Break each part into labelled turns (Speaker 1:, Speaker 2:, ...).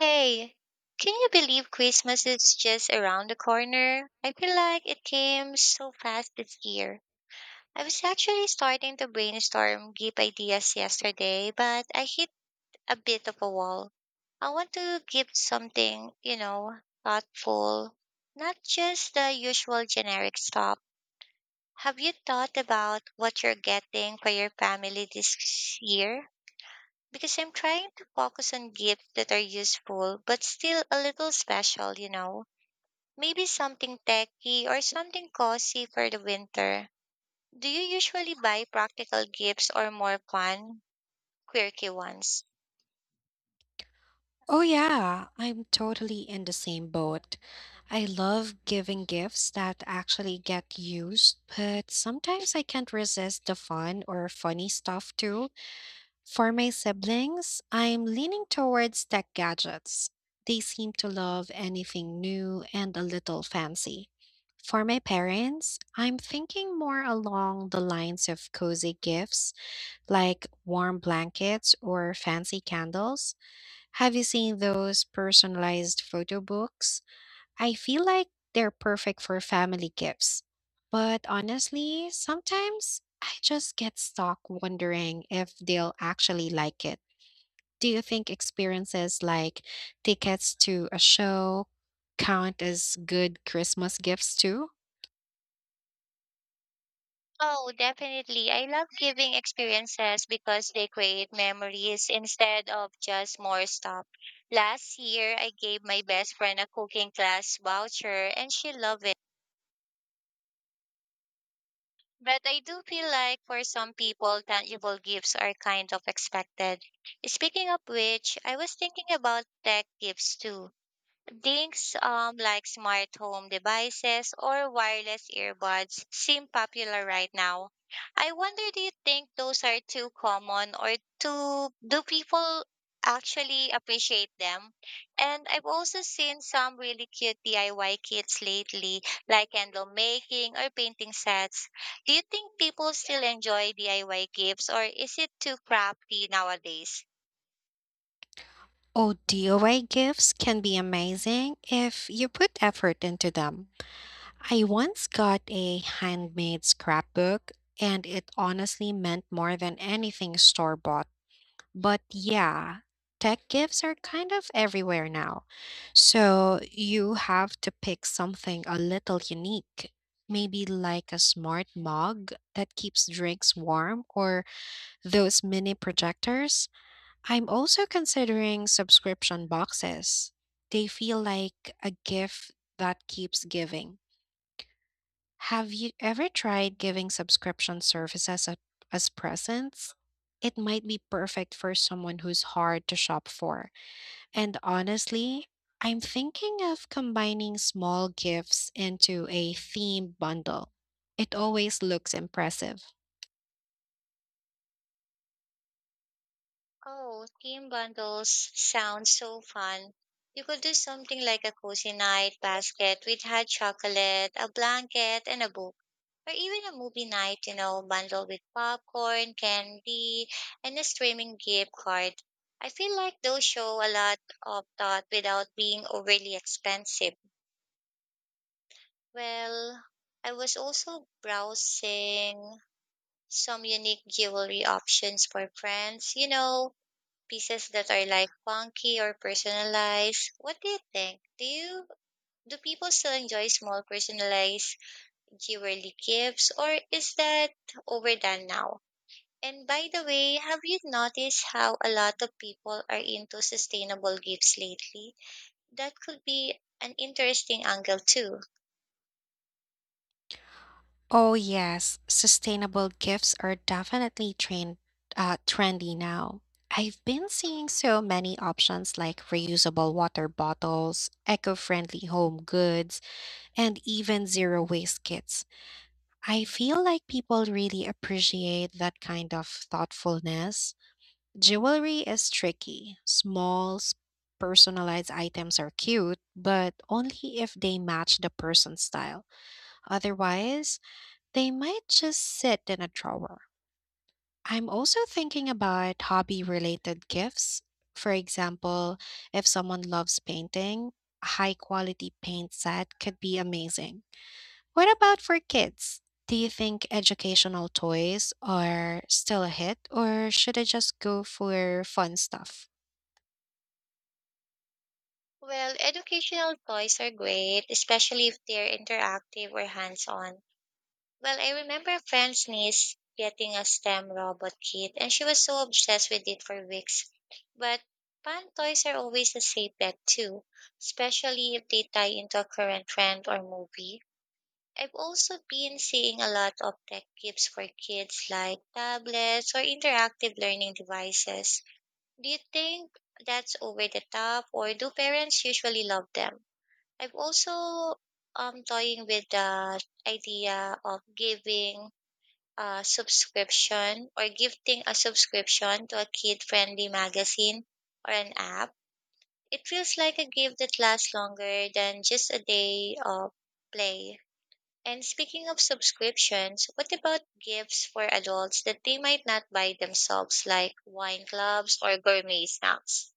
Speaker 1: Hey, can you believe
Speaker 2: This is just around the corner, but not it seems so bad this year.
Speaker 1: Christmas
Speaker 2: Was that
Speaker 1: is
Speaker 2: just?
Speaker 1: just around the corner? I feel like it came so fast this year. I was actually starting to brainstorm gift ideas yesterday, but I hit a bit of a wall. I want to give something, you know, thoughtful, not just the usual generic stuff. Have you thought about what you're getting for your family this year? Because I'm trying to focus on gifts that are useful but still a little special, you know. Maybe something techy or something cozy for the winter. Do you usually buy practical gifts or more fun, quirky ones?
Speaker 2: Oh, yeah, I'm totally in the same boat. I love giving gifts that actually get used, but sometimes I can't resist the fun or funny stuff too. For my siblings, I'm leaning towards tech gadgets. They seem to love anything new and a little fancy. For my parents, I'm thinking more along the lines of cozy gifts like warm blankets or fancy candles. Have you seen those personalized photo books? I feel like they're perfect for family gifts. But honestly, sometimes I just get stuck wondering if they'll actually like it. Do you think experiences like tickets to a show count as good Christmas gifts too?
Speaker 1: Oh, definitely. I love giving experiences because they create memories instead of just more stuff. Last year, I gave my best friend a cooking class voucher and she loved it. But I do feel like for some people, tangible gifts are kind of expected. Speaking of which, I was thinking about tech gifts too. Things like smart home devices or wireless earbuds seem popular right now. I wonder, do you think those are too common or do people actually appreciate them? And I've also seen some really cute DIY kits lately, like candle making or painting sets. Do you think people still enjoy DIY gifts or is it too crafty nowadays?
Speaker 2: Oh, DIY gifts can be amazing if you put effort into them. I once got a handmade scrapbook, and it honestly meant more than anything store bought. But yeah, tech gifts are kind of everywhere now. So you have to pick something a little unique. Maybe like a smart mug that keeps drinks warm or those mini projectors. I'm also considering subscription boxes. They feel like a gift that keeps giving. Have you ever tried giving subscription as presents? It might be perfect for someone who's hard to shop for. And honestly, I'm thinking of combining small gifts into a themed bundle. It always looks impressive.
Speaker 1: Oh, team bundles sound so fun. You could do something like a cozy night basket with hot chocolate, a blanket, and a book. Or even a movie night, you know, bundled with popcorn, candy, and a streaming gift card. I feel like those show a lot of thought without being overly expensive. Well, I was also browsing some unique jewelry options for friends, you know, pieces that are like funky or personalized. What do you think? Do you do people still enjoy small personalized jewelry gifts, or is that overdone now? And by the way, have you noticed how a lot of people are into sustainable gifts lately? That could be an interesting angle too.
Speaker 2: Oh yes, sustainable gifts are definitely trendy now. I've been seeing so many options like reusable water bottles, eco-friendly home goods, and even zero waste kits. I feel like people really appreciate that kind of thoughtfulness. Jewelry is tricky. Personalized items are cute, but only if they match the person's style. Otherwise, they might just sit in a drawer. I'm also thinking about hobby related gifts. For example, if someone loves painting, a high quality paint set could be amazing. What about for kids? Do you think educational toys are still a hit, or should I just go for fun stuff?
Speaker 1: Well, educational toys are great, especially if they're interactive or hands on. Well, I remember a friend's niece getting a STEM robot kit, and she was so obsessed with it for weeks. But fan toys are always a safe bet too, especially if they tie into a current trend or movie. I've also been seeing a lot of tech gifts for kids like tablets or interactive learning devices. Do you think that's over the top, or do parents usually love them? I've also toying with the idea of giving a subscription, or gifting a subscription to a kid friendly magazine or an app. It feels like a gift that lasts longer than just a day of play. And speaking of subscriptions, what about gifts for adults that they might not buy themselves, like wine clubs or gourmet snacks?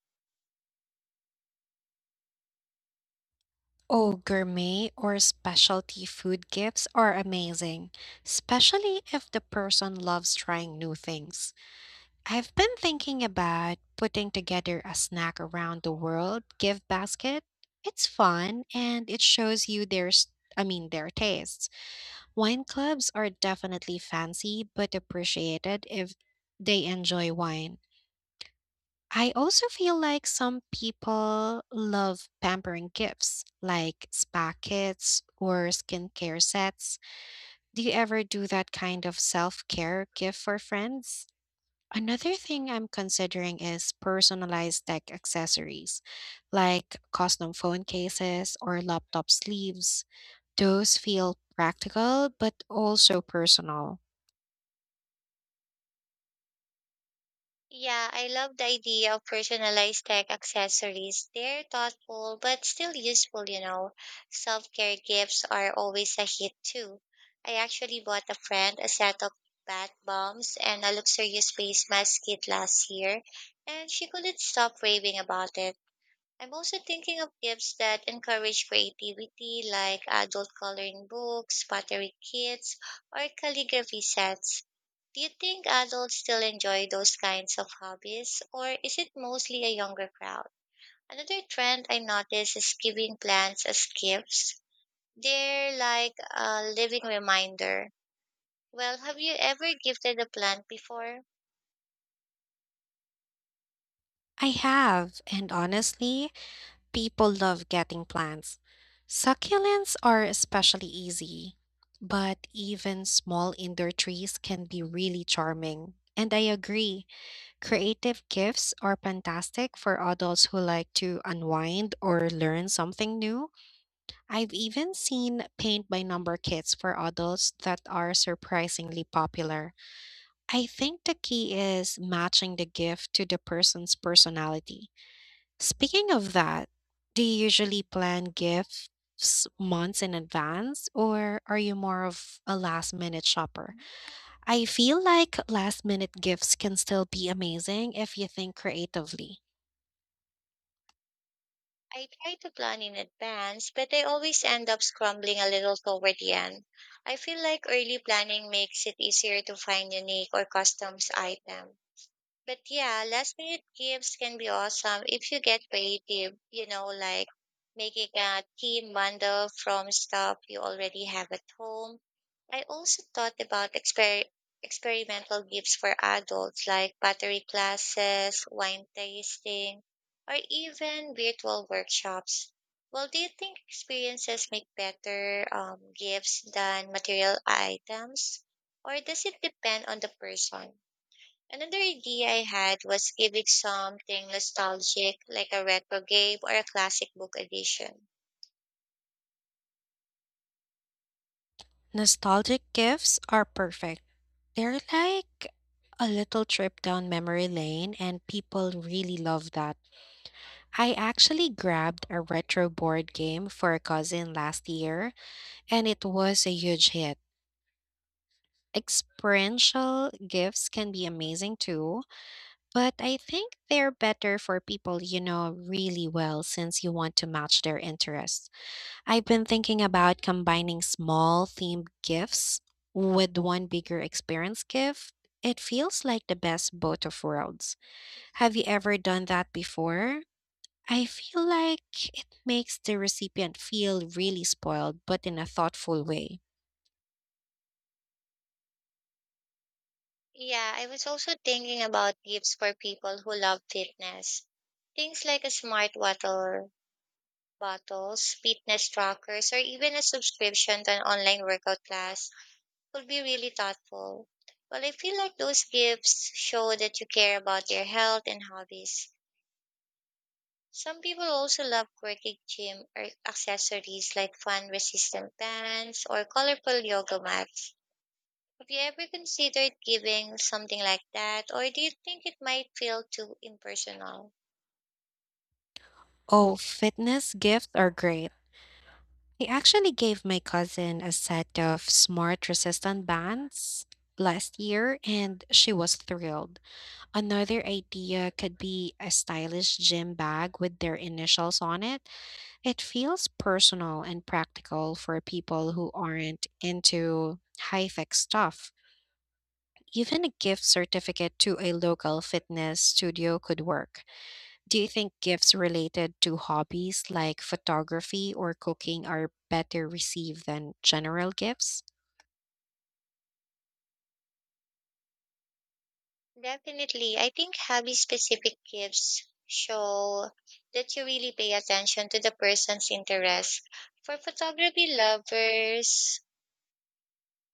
Speaker 2: Oh, gourmet or specialty food gifts are amazing, especially if the person loves trying new things. I've been thinking about putting together a snack around the world gift basket. It's fun and it shows you their s- I mean their tastes. Wine clubs are definitely fancy but appreciated if they enjoy wine. I also feel like some people love pampering gifts like spa kits or skincare sets. Do you ever do that kind of self-care gift for friends? Another thing I'm considering is personalized tech accessories, like custom phone cases or laptop sleeves. Those feel practical but also personal.
Speaker 1: Yeah, I love the idea of personalized tech accessories. They're thoughtful but still useful, you know. Self care gifts are always a hit too. I actually bought a friend a set of bath bombs and a luxurious face mask kit last year, and she couldn't stop raving about it. I'm also thinking of gifts that encourage creativity, like adult coloring books, pottery kits, or calligraphy sets. Do you think adults still enjoy those kinds of hobbies, or is it mostly a younger crowd? Another trend I notice is giving plants as gifts. They're like a living reminder. Well, have you ever gifted a plant before?
Speaker 2: I have, and honestly, people love getting plants. Succulents are especially easy, but even small indoor trees can be really charming. And I agree, creative gifts are fantastic for adults who like to unwind or learn something new. I've even seen paint by number kits for adults that are surprisingly popular. I think the key is matching the gift to the person's personality. Speaking of that, do you usually plan gifts months in advance, or are you more of a last minute shopper? I feel like last minute gifts can still be amazing if you think creatively.
Speaker 1: I try to plan in advance, but I always end up scrambling a little toward the end. I feel like early planning makes it easier to find unique or customs items. But yeah, last minute gifts can be awesome if you get creative, you know, like making a team bundle from stuff you already have at home. I also thought about experimental gifts for adults like pottery classes, wine tasting, or even virtual workshops. Well, do you think experiences make better gifts than material items? Or does it depend on the person? Another idea I had was giving something nostalgic, like a retro game or a classic book edition.
Speaker 2: Nostalgic gifts are perfect. They're like a little trip down memory lane, and people really love that. I actually grabbed a retro board game for a cousin last year, and it was a huge hit. Experiential gifts can be amazing too, but I think they're better for people you know really well since you want to match their interests. I've been thinking about combining small themed gifts with one bigger experience gift. It feels like the best both of worlds. Have you ever done that before? I feel like it makes the recipient feel really spoiled, but in a thoughtful way.
Speaker 1: Yeah, I was also thinking about gifts for people who love fitness. Things like a smart water bottles, fitness trackers, or even a subscription to an online workout class would be really thoughtful. Well, I feel like those gifts show that you care about their health and hobbies. Some people also love quirky gym or accessories like fun resistant bands or colorful yoga mats. Have you ever considered giving something like that, or do you think it might feel too impersonal?
Speaker 2: Oh, fitness gifts are great. I actually gave my cousin a set of smart resistant bands last year, and she was thrilled. Another idea could be a stylish gym bag with their initials on it. It feels personal and practical for people who aren't into high tech stuff. Even a gift certificate to a local fitness studio could work. Do you think gifts related to hobbies like photography or cooking are better received than general gifts?
Speaker 1: Definitely. I think hobby specific gifts show that you really pay attention to the person's interests. For photography lovers,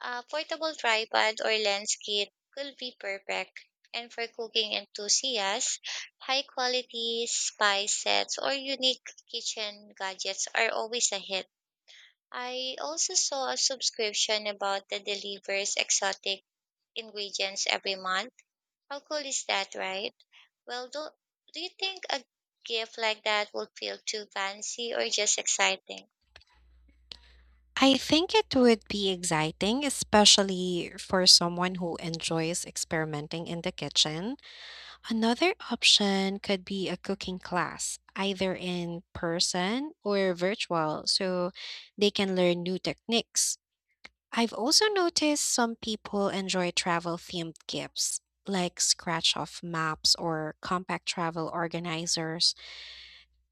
Speaker 1: a portable tripod or lens kit could be perfect. And for cooking enthusiasts, high quality spice sets or unique kitchen gadgets are always a hit. I also saw a subscription about the delivers exotic ingredients every month. How cool is that, right? Well, do you think a gift like that would feel too fancy or just exciting?
Speaker 2: I think it would be exciting, especially for someone who enjoys experimenting in the kitchen. Another option could be a cooking class, either in person or virtual, so they can learn new techniques. I've also noticed some people enjoy travel themed gifts, like scratch off maps or compact travel organizers.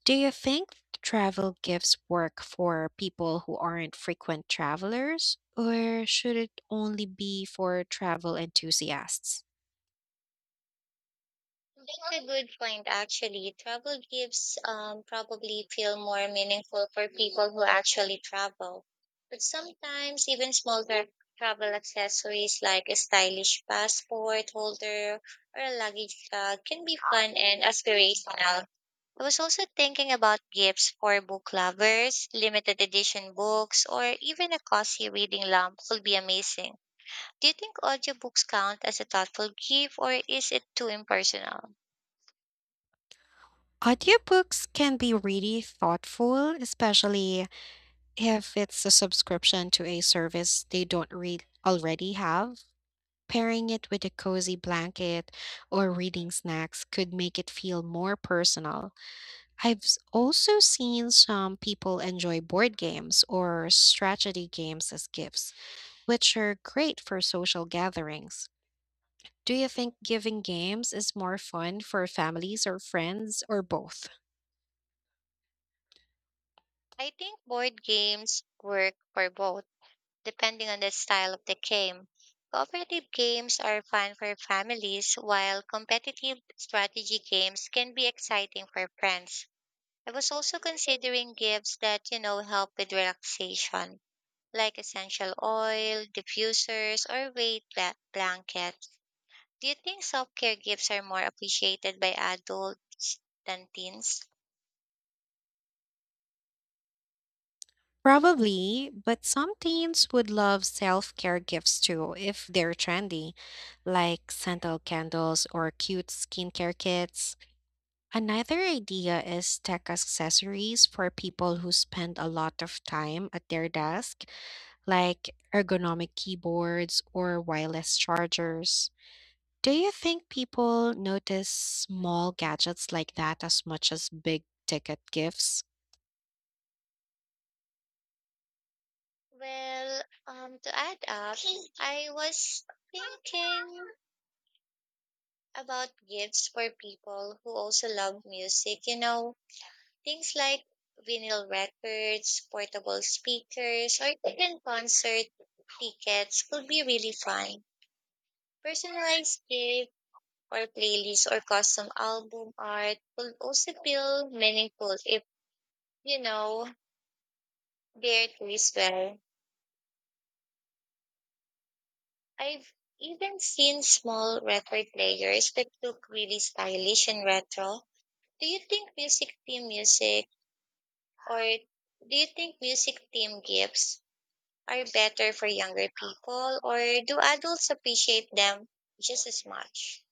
Speaker 2: Do you think travel gives work for people who aren't frequent travelers, or should it only be for travel enthusiasts?
Speaker 1: That's a good point, actually. Travel gives probably feel more meaningful for people who actually travel. But sometimes even smaller travel accessories like a stylish passport holder or a luggage bag can be fun and aspirational. I was also thinking about gifts for book lovers, limited edition books, or even a cozy reading lamp would be amazing. Do you think audiobooks count as a thoughtful gift, or is it too impersonal?
Speaker 2: Audiobooks can be really thoughtful, especially if it's a subscription to a service they don't read already have. Pairing it with a cozy blanket or reading snacks could make it feel more personal. Also seen some people enjoy board games or strategy games as gifts, which are great for social gatherings. Do you think giving games is more fun for families or friends or both?
Speaker 1: I think board games work for both, depending on the style of the game. Cooperative games are fun for families, while competitive strategy games can be exciting for friends. I was also considering gifts that, you know, help with relaxation, like essential oil, diffusers, or blankets. Do you think self care gifts are more appreciated by adults than teens?
Speaker 2: Probably, but some teens would love self care gifts too if they're trendy, like scented candles or cute skincare kits. Another idea is tech accessories for people who spend a lot of time at their desk like ergonomic keyboards or wireless chargers. Do you think people notice small gadgets like that as much as big ticket gifts?
Speaker 1: Well, to add up, I was thinking about gifts for people who also love music, you know, things like vinyl records, portable speakers, or even concert tickets could be really fun. Personalized gift or playlists or custom album art could also feel meaningful if, you know, they're taste well. I've even seen small record players that look really stylish and retro. Do you think music team music or do you think music team gifts are better for younger people, or do adults appreciate them just as much?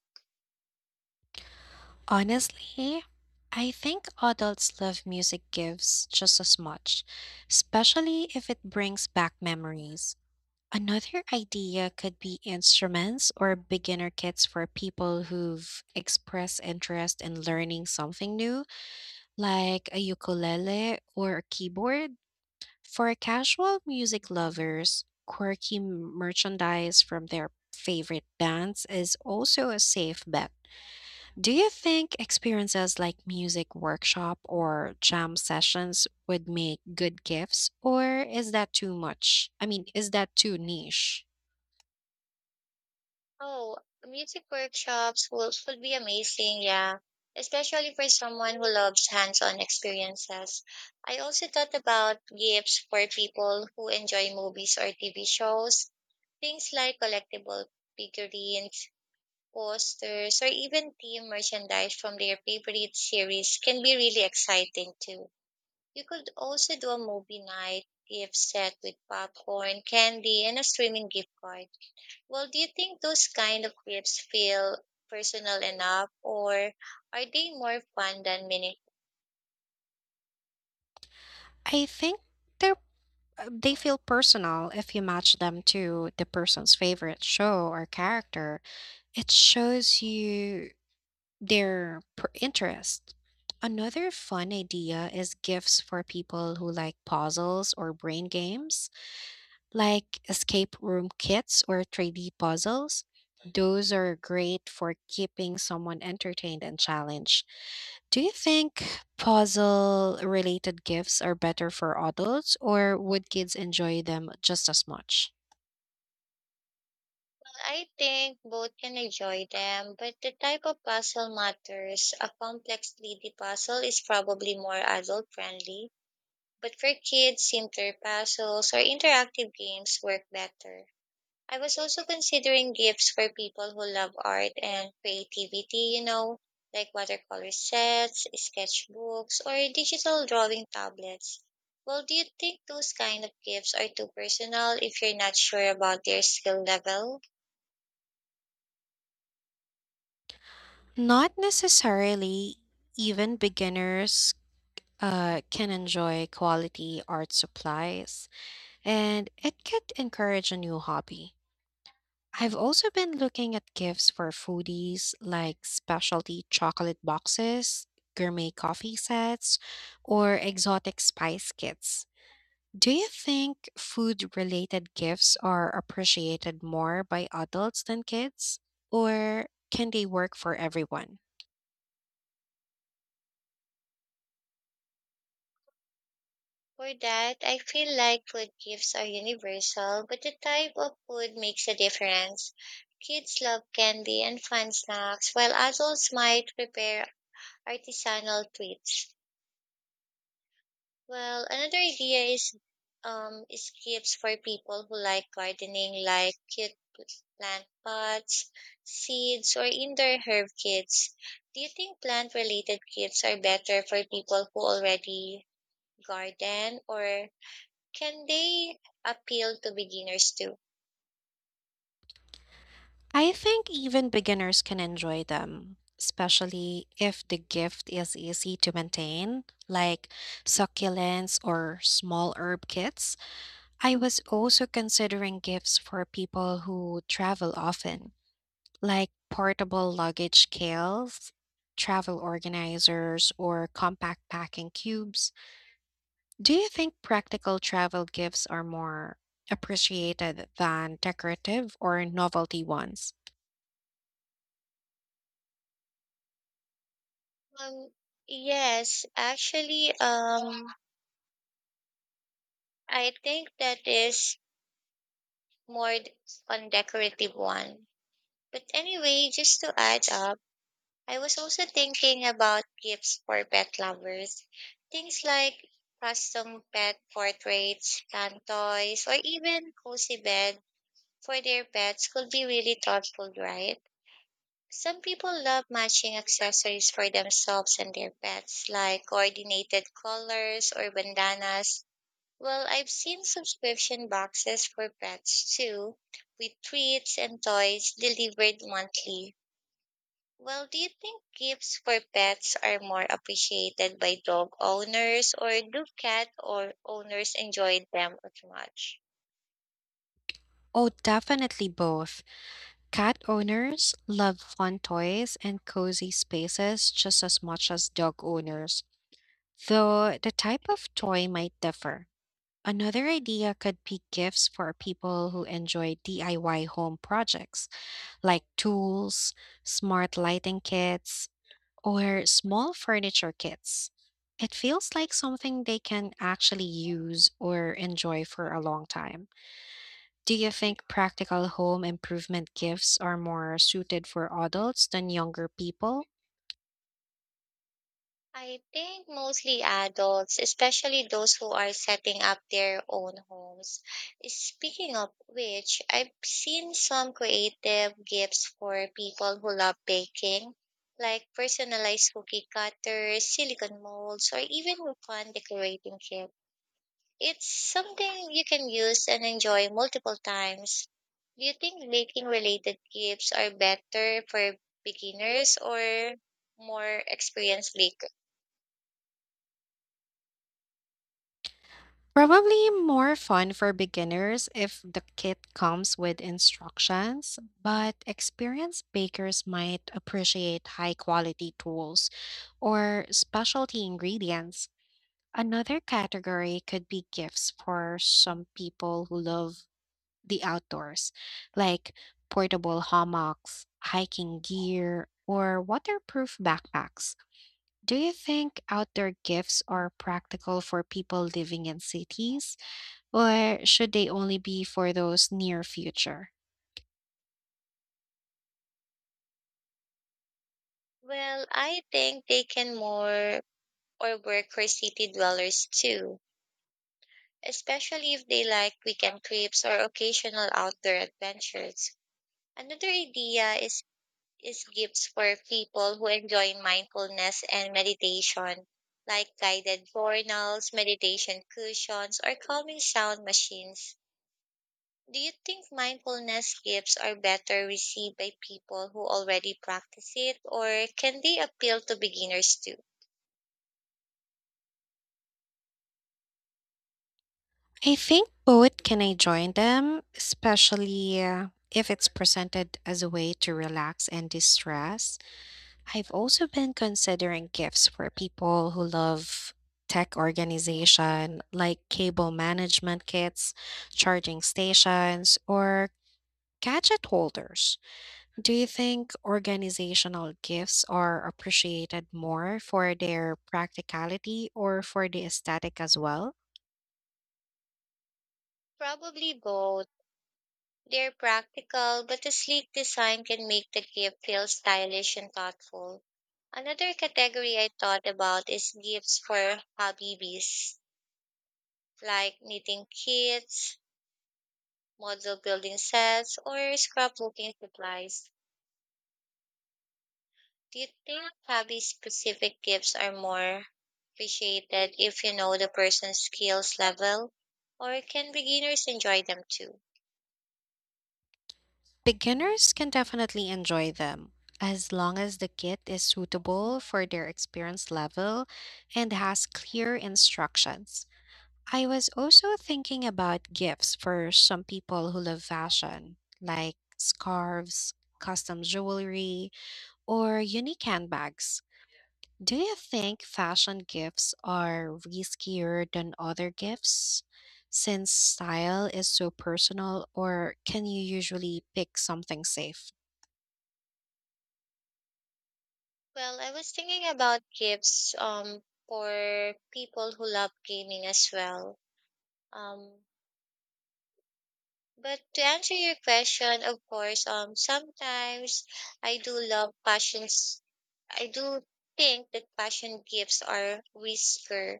Speaker 2: Honestly, I think adults love music gifts just as much, especially if it brings back memories. Another idea could be instruments or beginner kits for people who've expressed interest in learning something new, like a ukulele or a keyboard. For casual music lovers, quirky merchandise from their favorite bands is also a safe bet. Do you think experiences like music workshop or jam sessions would make good gifts, or is that too much? I mean, is that too niche?
Speaker 1: Oh, music workshops would be amazing, yeah, especially for someone who loves hands-on experiences. I also thought about gifts for people who enjoy movies or TV shows. Things like collectible figurines, posters, or even team merchandise from their favorite series can be really exciting too. You could also do a movie night gift set with popcorn, candy, and a streaming gift card. Well, do you think those kind of clips feel personal enough, or are they more fun than meaningful?
Speaker 2: I think they're they feel personal if you match them to the person's favorite show or character. It shows you interest. Another fun idea is gifts for people who like puzzles or brain games, like escape room kits or 3D puzzles. Those are great for keeping someone entertained and challenged. Do you think puzzle related gifts are better for adults, or would kids enjoy them just as much?
Speaker 1: I think both can enjoy them, but the type of puzzle matters. A complex 3D puzzle is probably more adult friendly, but for kids, simpler puzzles or interactive games work better. I was also considering gifts for people who love art and creativity, you know, like watercolor sets, sketchbooks, or digital drawing tablets. Well, do you think those kind of gifts are too personal if you're not sure about their skill level?
Speaker 2: Not necessarily. Even beginners can enjoy quality art supplies, and it could encourage a new hobby. I've also been looking at gifts for foodies like specialty chocolate boxes, gourmet coffee sets, or exotic spice kits. Do you think food related gifts are appreciated more by adults than kids? Or can they work for everyone?
Speaker 1: For that, I feel like food gifts are universal, but the type of food makes a difference. Kids love candy and fun snacks, while adults might prepare artisanal treats. Well, another idea is gifts for people who like gardening, like plant pots, seeds, or indoor herb kits. Do you think plant-related kits are better for people who already garden, or can they appeal to beginners too?
Speaker 2: I think even beginners can enjoy them, especially if the gift is easy to maintain, like succulents or small herb kits. I was also considering gifts for people who travel often, like portable luggage scales, travel organizers, or compact packing cubes. Do you think practical travel gifts are more appreciated than decorative or novelty ones?
Speaker 1: Um, yes, actually, I think that is more d- on decorative one. But anyway, just to add up. I was also thinking about gifts for pet lovers. Things like custom pet portraits, can toys, or even cozy bed for their pets could be really thoughtful, right? Some people love matching accessories for themselves and their pets, like coordinated colors or bandanas. Well, I've seen subscription boxes for pets too, with treats and toys delivered monthly. Well, do you think gifts for pets are more appreciated by dog owners, or do cat or owners enjoy them as much?
Speaker 2: Oh, definitely both. Cat owners love fun toys and cozy spaces just as much as dog owners, though the type of toy might differ. Another idea could be gifts for people who enjoy DIY home projects, like tools, smart lighting kits, or small furniture kits. It feels like something they can actually use or enjoy for a long time. Do you think practical home improvement gifts are more suited for adults than younger people?
Speaker 1: I think mostly adults, especially those who are setting up their own homes. Speaking of which, I've seen some creative gifts for people who love baking, like personalized cookie cutters, silicone molds, or even fun decorating kits. It's something you can use and enjoy multiple times. Do you think baking related gifts are better for beginners or more experienced baker?
Speaker 2: Probably more fun for beginners if the kit comes with instructions, but experienced bakers might appreciate high quality tools or specialty ingredients. Another category could be gifts for some people who love the outdoors, like portable hammocks, hiking gear, or waterproof backpacks. Do you think outdoor gifts are practical for people living in cities, or should they only be for those near future?
Speaker 1: Well, I think they can more or work for city dwellers too, especially if they like weekend trips or occasional outdoor adventures. Another idea is gifts for people who enjoy mindfulness and meditation, like guided journals, meditation cushions, or calming sound machines. Do you think mindfulness gifts are better received by people who already practice it, or can they appeal to beginners too?
Speaker 2: I think both can enjoy them, especially if it's presented as a way to relax and distress. I've also been considering gifts for people who love tech organization, like cable management kits, charging stations, or gadget holders. Do you think organizational gifts are appreciated more for their practicality or for the aesthetic as well?
Speaker 1: Probably both. They're practical, but the sleek design can make the gift feel stylish and thoughtful. Another category I thought about is gifts for hobby like knitting kits, model building sets, or scrapbooking supplies. Do you think hobby specific gifts are more appreciated if you know the person's skills level? Or can beginners enjoy them too?
Speaker 2: Beginners can definitely enjoy them. As long as the kit is suitable for their experience level and has clear instructions. I was also thinking about gifts for some people who love fashion, like scarves, custom jewelry, or unique handbags. Do you think fashion gifts are riskier than other gifts since style is so personal, or can you usually pick something safe?
Speaker 1: Well, I was thinking about gifts for people who love gaming as well. Um, But to answer your question, of course, sometimes I do love passions. I do think that passion gifts are riskier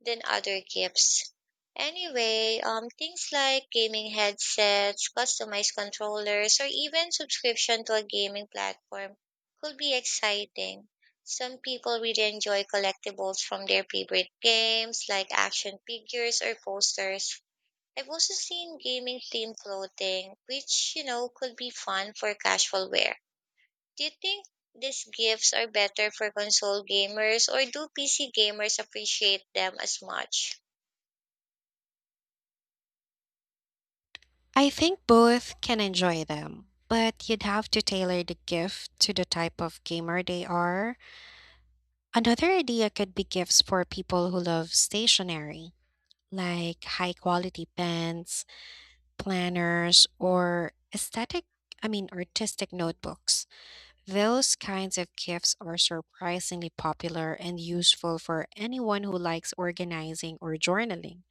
Speaker 1: than other gifts. Anyway, things like gaming headsets, customized controllers, or even subscription to a gaming platform could be exciting. Some people really enjoy collectibles from their favorite games, like action figures or posters. I've also seen gaming themed clothing, which, you know, could be fun for casual wear. Do you think these gifts are better for console gamers, or do PC gamers appreciate them as much?
Speaker 2: I think both can enjoy them, but you'd have to tailor the gift to the type of gamer they are. Another idea could be gifts for people who love stationery, like high quality pens, planners, or artistic notebooks. Those kinds of gifts are surprisingly popular and useful for anyone who likes organizing or journaling.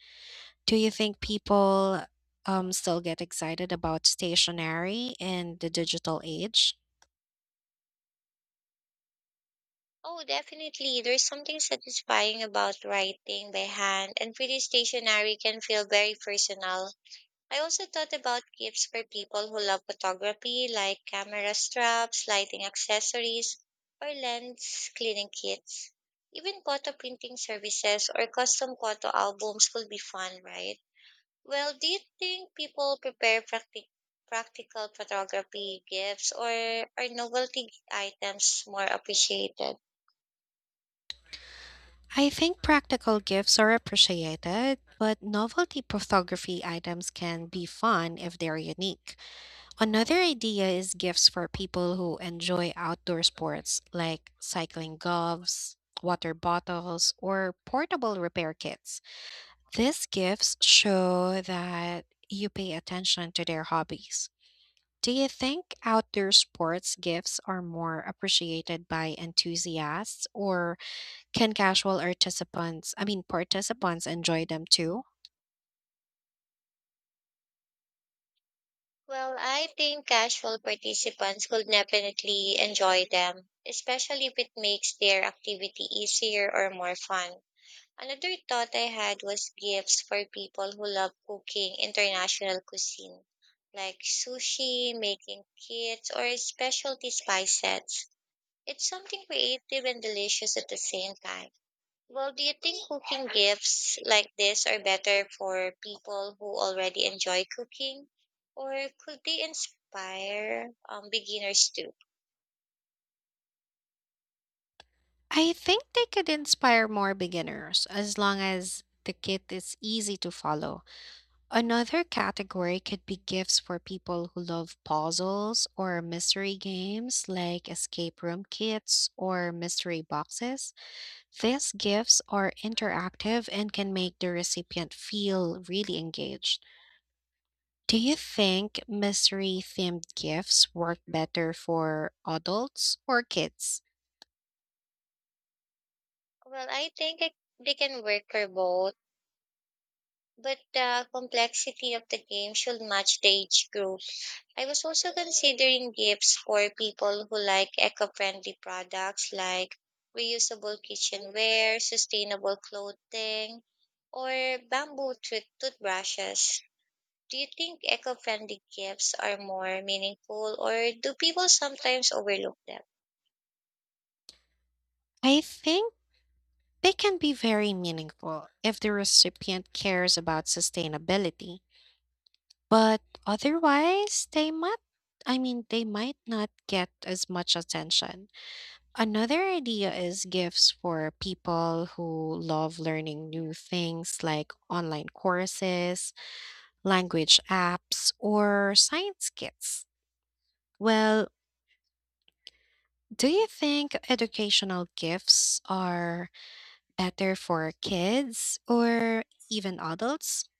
Speaker 2: Do you think people still get excited about stationery in the digital age?
Speaker 1: Oh, definitely. There's something satisfying about writing by hand, and pretty stationery can feel very personal. I also thought about gifts for people who love photography, like camera straps, lighting accessories, or lens cleaning kits. Even photo printing services or custom photo albums could be fun, right? Well, do you think people prepare practical photography gifts, or are novelty items more appreciated?
Speaker 2: I think practical gifts are appreciated, but novelty photography items can be fun if they're unique. Another idea is gifts for people who enjoy outdoor sports like cycling gloves, water bottles, or portable repair kits. These gifts show that you pay attention to their hobbies. Do you think outdoor sports gifts are more appreciated by enthusiasts or can casual participants, I mean participants enjoy them too?
Speaker 1: Well, I think casual participants could definitely enjoy them, especially if it makes their activity easier or more fun. Another thought I had was gifts for people who love cooking international cuisine, like sushi, making kits, or specialty spice sets. It's something creative and delicious at the same time. Well, do you think cooking gifts like this are better for people who already enjoy cooking, or could they inspire beginners too?
Speaker 2: I think they could inspire more beginners as long as the kit is easy to follow. Another category could be gifts for people who love puzzles or mystery games like escape room kits or mystery boxes. These gifts are interactive and can make the recipient feel really engaged. Do you think mystery themed gifts work better for adults or kids?
Speaker 1: Well, I think it, they can work for both, but the complexity of the game should match the age group. I was also considering gifts for people who like eco-friendly products like reusable kitchenware, sustainable clothing, or toothbrushes. Do you think eco friendly gifts are more meaningful, or do people sometimes overlook them?
Speaker 2: I think they can be very meaningful if the recipient cares about sustainability, but otherwise they might not get as much attention. Another idea is gifts for people who love learning new things like online courses, language apps, or science kits. Well, do you think educational gifts are better for kids or even adults?